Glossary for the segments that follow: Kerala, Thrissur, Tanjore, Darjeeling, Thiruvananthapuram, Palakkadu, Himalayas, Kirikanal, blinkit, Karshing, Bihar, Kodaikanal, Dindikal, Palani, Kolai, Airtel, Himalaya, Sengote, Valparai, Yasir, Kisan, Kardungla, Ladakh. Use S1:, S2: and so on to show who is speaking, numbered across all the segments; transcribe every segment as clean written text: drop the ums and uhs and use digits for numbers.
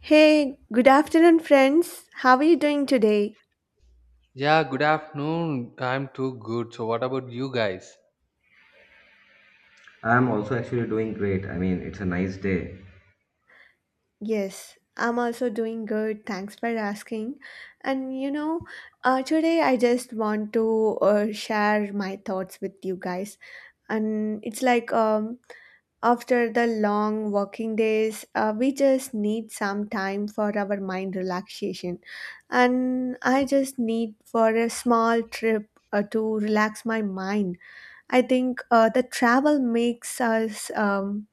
S1: Hey, good afternoon, friends. How are you doing today?
S2: Yeah, good afternoon. I'm too good. So, what about you guys?
S3: I'm also actually doing great. I mean, it's a nice day.
S1: Yes, I'm also doing good. Thanks for asking. And you know, today I just want to share my thoughts with you guys. And it's like after the long working days, we just need some time for our mind relaxation. And I just need for a small trip. To relax my mind, I think the travel makes us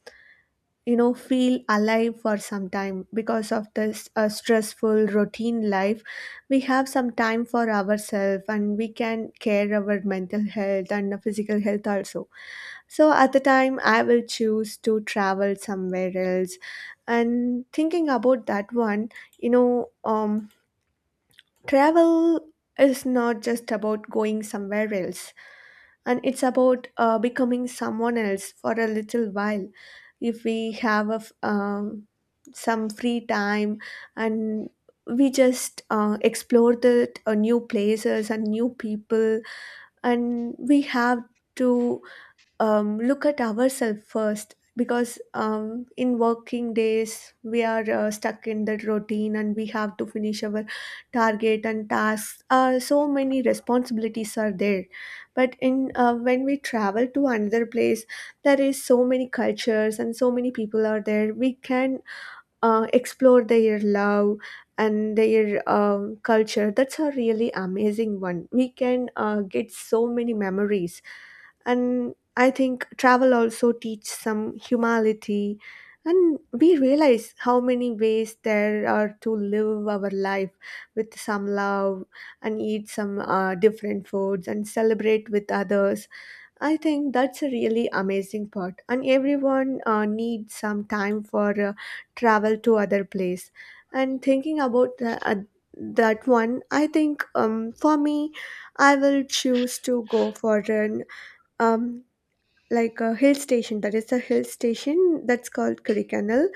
S1: feel alive for some time. Because of this stressful routine life, we have some time for ourselves, and we can care our mental health and physical health also. So at the time, I will choose to travel somewhere else. And thinking about that one, you know um travel is not just about going somewhere else, and it's about becoming someone else for a little while. If we have some free time, and we just explore the new places and new people, and we have to look at ourselves first. Because in working days, we are stuck in that routine, and we have to finish our target and tasks. So many responsibilities are there. But in when we travel to another place, there is so many cultures and so many people are there. We can explore their love and their culture. That's a really amazing one. We can get so many memories. And I think travel also teach some humility. And we realize how many ways there are to live our life with some love, and eat some different foods, and celebrate with others. I think that's a really amazing part, and everyone needs some time for travel to other place. And thinking about that one, I think for me, I will choose to go for an um, like a hill station. That is a hill station that's called Kirikanal.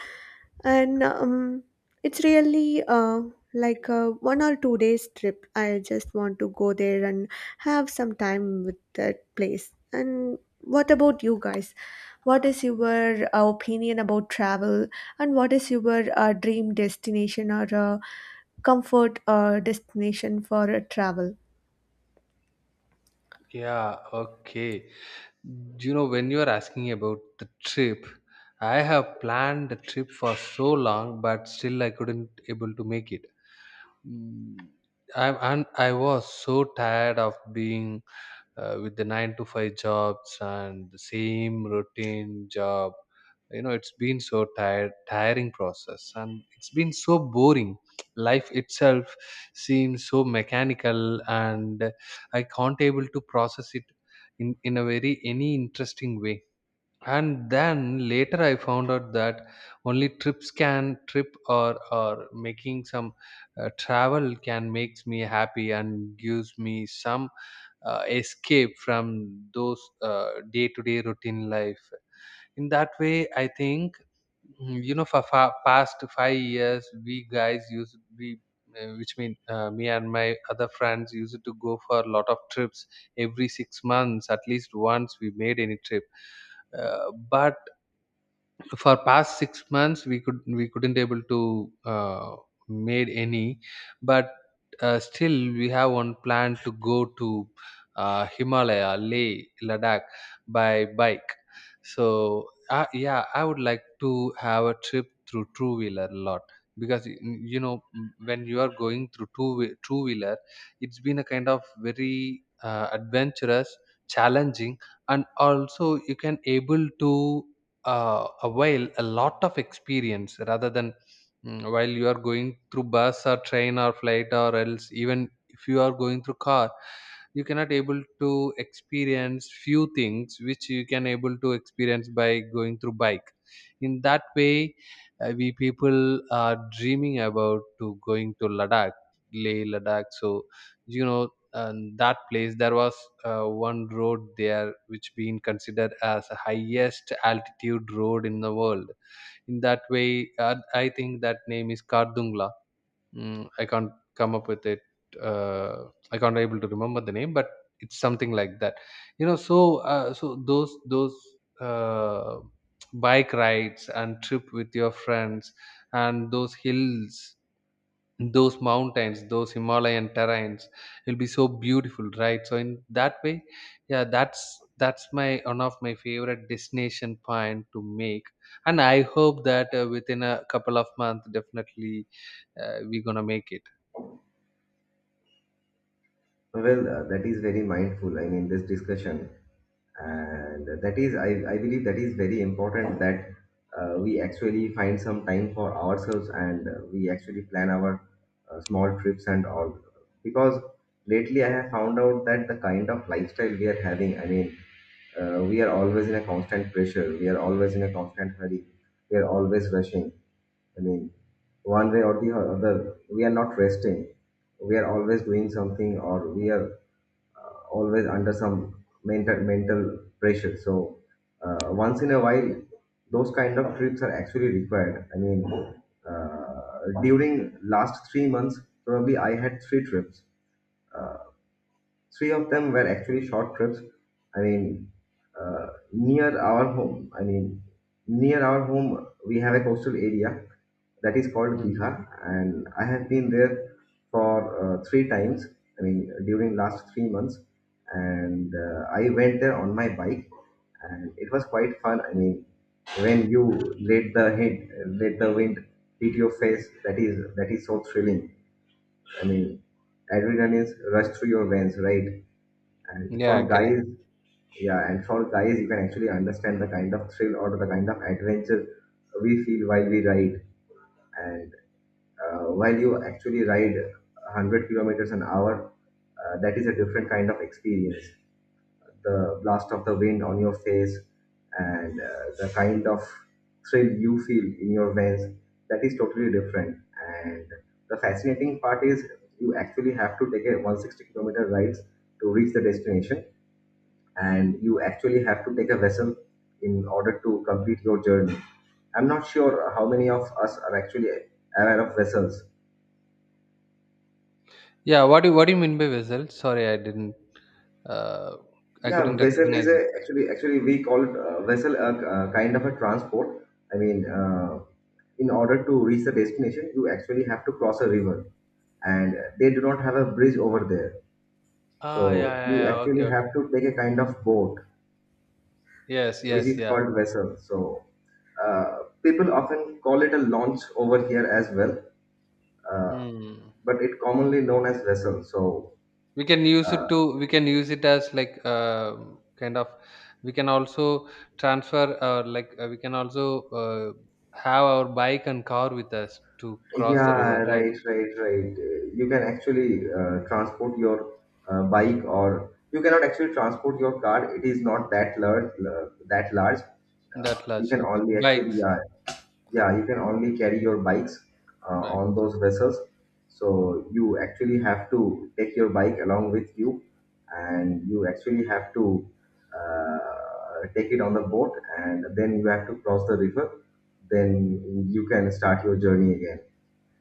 S1: And it's really like a 1 or 2 days trip. I just want to go there and have some time with that place. And what about you guys? What is your opinion about travel? And what is your dream destination, or comfort destination for travel?
S2: Yeah, okay. You know, when you are asking about the trip, I have planned the trip for so long, but still I couldn't able to make it. Mm, I was so tired of being with the 9 to 5 jobs and the same routine job, you know, it's been so tired tiring process, and it's been so boring. Life itself seems so mechanical, and I can't able to process it in a very any interesting way. And then later I found out that only trips can trip or making some travel can makes me happy and gives me some escape from those day-to-day routine life. In that way I think, you know, for past 5 years we guys used we which mean me and my other friends used to go for a lot of trips. Every 6 months at least once we made any trip, but for past 6 months we could we couldn't able to made any. But still we have one plan to go to Himalaya, Leh Ladakh, by bike. So yeah, I would like to have a trip through two wheeler a lot, because you know, when you are going through two wheeler, it's been a kind of very adventurous, challenging, and also you can able to a while a lot of experience rather than, while you are going through bus or train or flight, or else even if you are going through car, you cannot able to experience few things which you can able to experience by going through bike. In that way, we people are dreaming about to going to Ladakh, Leh Ladakh. So you know, and that place there was one road there which being considered as the highest altitude road in the world. In that way I think that name is Kardungla. I can't come up with it. uh, I can't able to remember the name, but it's something like that, you know. So so those uh, bike rides and trip with your friends, and those hills, those mountains, those Himalayan terrains will be so beautiful, right? So in that way, yeah, that's my one of my favorite destination point to make, and I hope that within a couple of months definitely we're gonna make it.
S3: Well, that is very mindful. I mean, this discussion, and that is, I believe, that is very important that we actually find some time for ourselves, and we actually plan our small trips and all. Because lately, I have found out that the kind of lifestyle we are having. I mean, we are always in a constant pressure. We are always in a constant hurry. We are always rushing. I mean, one way or the other, we are not resting, we are always doing something, or we are always under some mental pressure. So, once in a while, those kind of trips are actually required. I mean, during last 3 months, probably I had three trips. Uh, three of them were actually short trips. I mean, near our home, I mean, near our home we have a coastal area that is called
S2: Mm.
S3: Bihar, and I have been there for 3 times. I mean, during last 3 months, and I went there on my bike, and it was quite fun. I mean, when you let the head, let the wind hit your face, that is so thrilling. I mean, adrenaline rush through your veins, right? And
S2: Yeah,
S3: for
S2: correct.
S3: guys, yeah, you can actually understand the kind of thrill or the kind of adventure we feel while we ride, and while you actually ride 100 kilometers an hour, that is a different kind of experience. The blast of the wind on your face, and the kind of thrill you feel in your veins, that is totally different. And the fascinating part is, you actually have to take a 160-kilometer rides to reach the destination, and you actually have to take a vessel in order to complete your journey. I'm not sure how many of us are actually aware of vessels.
S2: Yeah, what do you mean by vessel? Sorry, I didn't, uh, I
S3: Yeah,
S2: couldn't
S3: vessel is
S2: recognize
S3: a
S2: it.
S3: actually actually we call it, vessel, a kind of a transport. I mean, in order to reach the destination, you actually have to cross a river, and they do not have a bridge over there.
S2: Ah, yeah,
S3: So
S2: yeah,
S3: you
S2: yeah. Okay,
S3: actually
S2: okay.
S3: have to take a kind of boat,
S2: Yes,
S3: which
S2: yes,
S3: is
S2: yeah.
S3: called vessel. So, uh, people often call it a launch over here as well, uh,
S2: Hmm.
S3: but it commonly known as vessel. So. Uh,
S2: We can use it as like, kind of, we can also transfer, like, we can also uh, have our bike and car with us to cross the river,
S3: Yeah,
S2: right?
S3: right, right, right. You can actually transport your bike, or you cannot actually transport your car. It is not that large, that large.
S2: That
S3: You
S2: large,
S3: can
S2: okay,
S3: only actually,
S2: bikes.
S3: Yeah, yeah, you can only carry your bikes
S2: Bike.
S3: on those vessels. So you actually have to take your bike along with you, and you actually have to take it on the boat, and then you have to cross the river. Then you can start your journey again.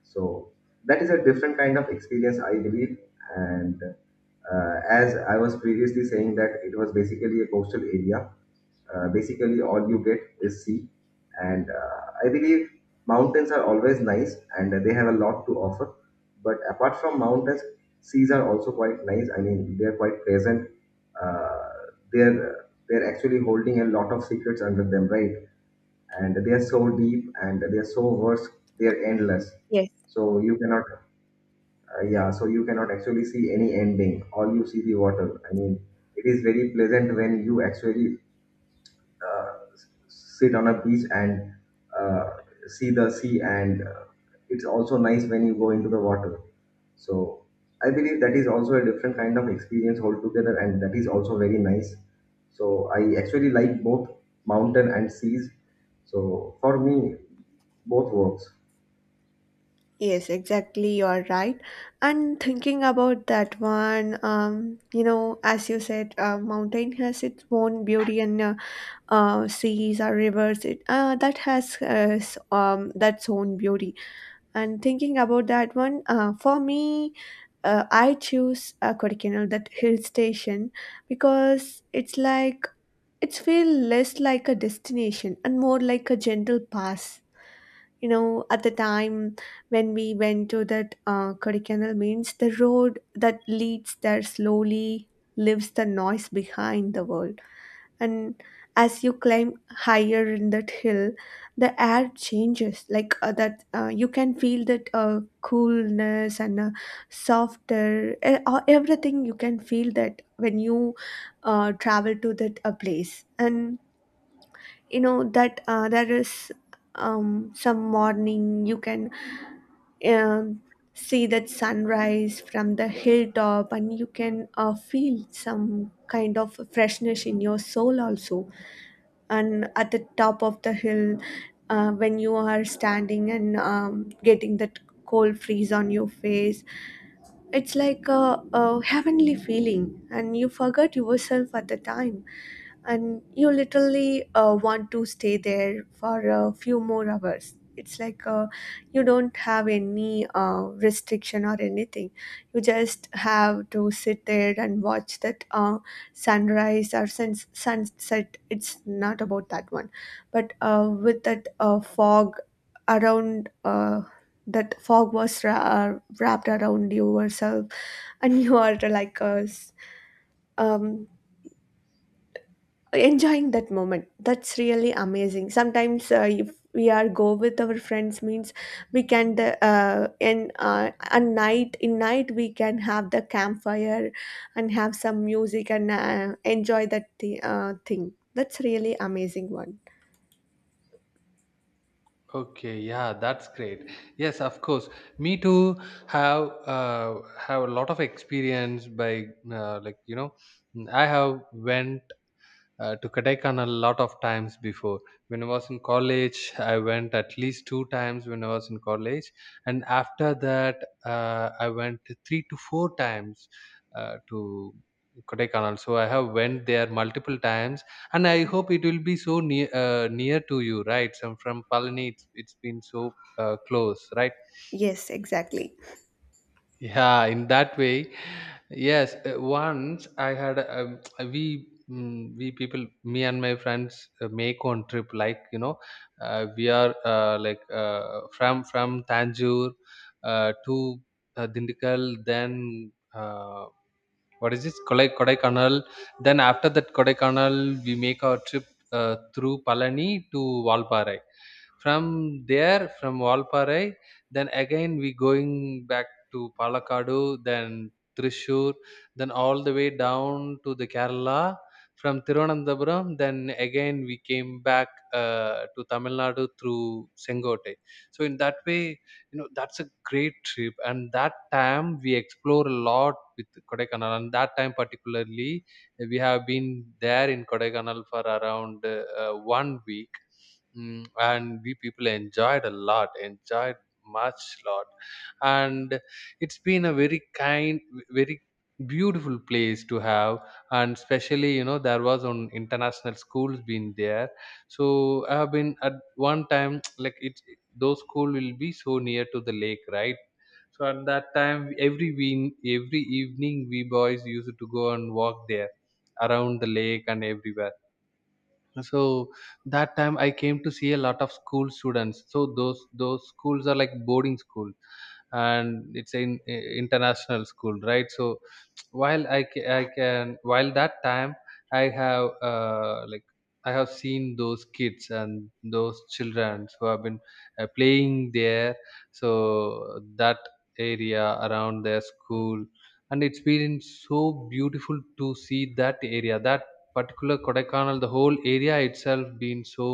S3: So that is a different kind of experience, I believe. And as I was previously saying, that it was basically a coastal area. Basically, all you get is sea. And I believe mountains are always nice and they have a lot to offer. But apart from mountains, seas are also quite nice. I mean, they're quite pleasant. Uh, they're actually holding a lot of secrets under them, right? And they are so deep and they are so vast, they are endless.
S1: Yes,
S3: So you cannot, yeah, so you cannot actually see any ending. All you see the water. I mean, it is very pleasant when you actually uh, s- sit on a beach, and uh, see the sea, and it's also nice when you go into the water. So I believe that is also a different kind of experience altogether, and that is also very nice. So I actually like both mountain and seas. So for me, both works.
S1: yes, exactly, you're right. And thinking about that one, you know, as you said, mountain has its own beauty, and seas or rivers, that has that's own beauty. And thinking about that one, for me, I choose Kodaikanal, that hill station. Because it's like, it's feel less like a destination and more like a gentle pass. You know, at the time when we went to that Kodaikanal, means the road that leads there slowly leaves the noise behind the world. And as you climb higher in that hill, the air changes. Like that you can feel that coolness and softer everything. You can feel that when you travel to that place. And you know that there is some morning you can um see that sunrise from the hilltop, and you can feel some kind of freshness in your soul also. And at the top of the hill, when you are standing and getting that cold freeze on your face, it's like a heavenly feeling, and you forgot yourself at the time. And you literally want to stay there for a few more hours. It's like you don't have any restriction or anything. You just have to sit there and watch that sunrise or sunset. It's not about that one, but with that fog around, that fog was wrapped around yourself, and you are like us. um, Enjoying that moment, that's really amazing. Sometimes if we are go with our friends, means we can the in a night we can have the campfire, and have some music, and enjoy that thing. That's really amazing one.
S2: Okay, yeah, that's great. Yes, of course. Me too. Have uh, have a lot of experience by, like you know, I have went to Kodaikanal a lot of times before. When I was in college, I went at least two times when I was in college, and after that, I went three to four times to Kodaikanal. So I have went there multiple times, and I hope it will be so near, near to you, right? So I'm from Palani, it's been so close, right?
S1: Yes, exactly.
S2: Yeah, in that way. Yes, once I had, we people, me and my friends, make one trip, like you know, we are like from Tanjore to Dindikal, then what is this? Kolai Kodaikanal. Then after that Kodaikanal, we make our trip through Palani to Valparai. From there, from Valparai, then again we going back to Palakkadu, then Thrissur, then all the way down to the Kerala. From Thiruvananthapuram, then again we came back to Tamil Nadu through Sengote. So in that way, you know, that's a great trip, and that time we explore a lot with Kodaikanal, and that time particularly we have been there in Kodaikanal for around one week. And we people enjoyed a lot, enjoyed much lot And it's been a very beautiful place to have. And especially you know, there was on international schools been there. So I have been at one time, like it, those school will be so near to the lake, right? So at that time every evening we boys used to go and walk there around the lake and everywhere. So that time I came to see a lot of school students, so those schools are like boarding school, and it's an international school, right? So I can, while that time, I have, like, I have seen those kids and those children who have been playing there, so that area around their school. And it's been so beautiful to see that area, that particular Kodaikanal, the whole area itself being so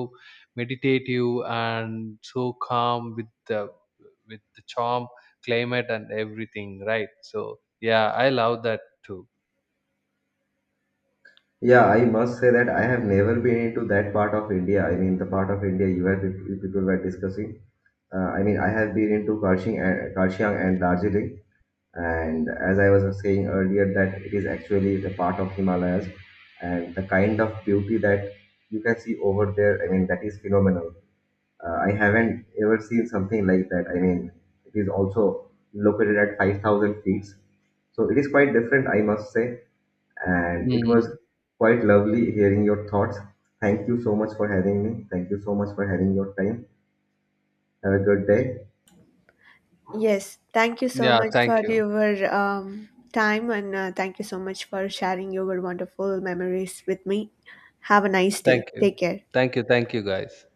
S2: meditative and so calm, with the, charm, climate and everything, right? So yeah, I love that too.
S3: Yeah, I must say that I have never been into that part of India. I mean, the part of India you people were discussing. I mean, I have been into Karshiang and Darjeeling. And as I was saying earlier, that it is actually the part of Himalayas. And the kind of beauty that you can see over there, I mean, that is phenomenal. I haven't ever seen something like that. I mean, it is also located at 5,000 feet. So it is quite different, I must say, and it was
S2: Hmm.
S3: quite lovely hearing your thoughts. Thank you so much for having me. Thank you so much for having your time. Have a good day.
S1: Yes, thank you so
S2: Yeah.
S1: much for
S2: Thank you.
S1: your time, and thank you so much for sharing your wonderful memories with me. Have a nice
S2: Thank
S1: day.
S2: you.
S1: Take care.
S2: Thank you. Thank you, guys.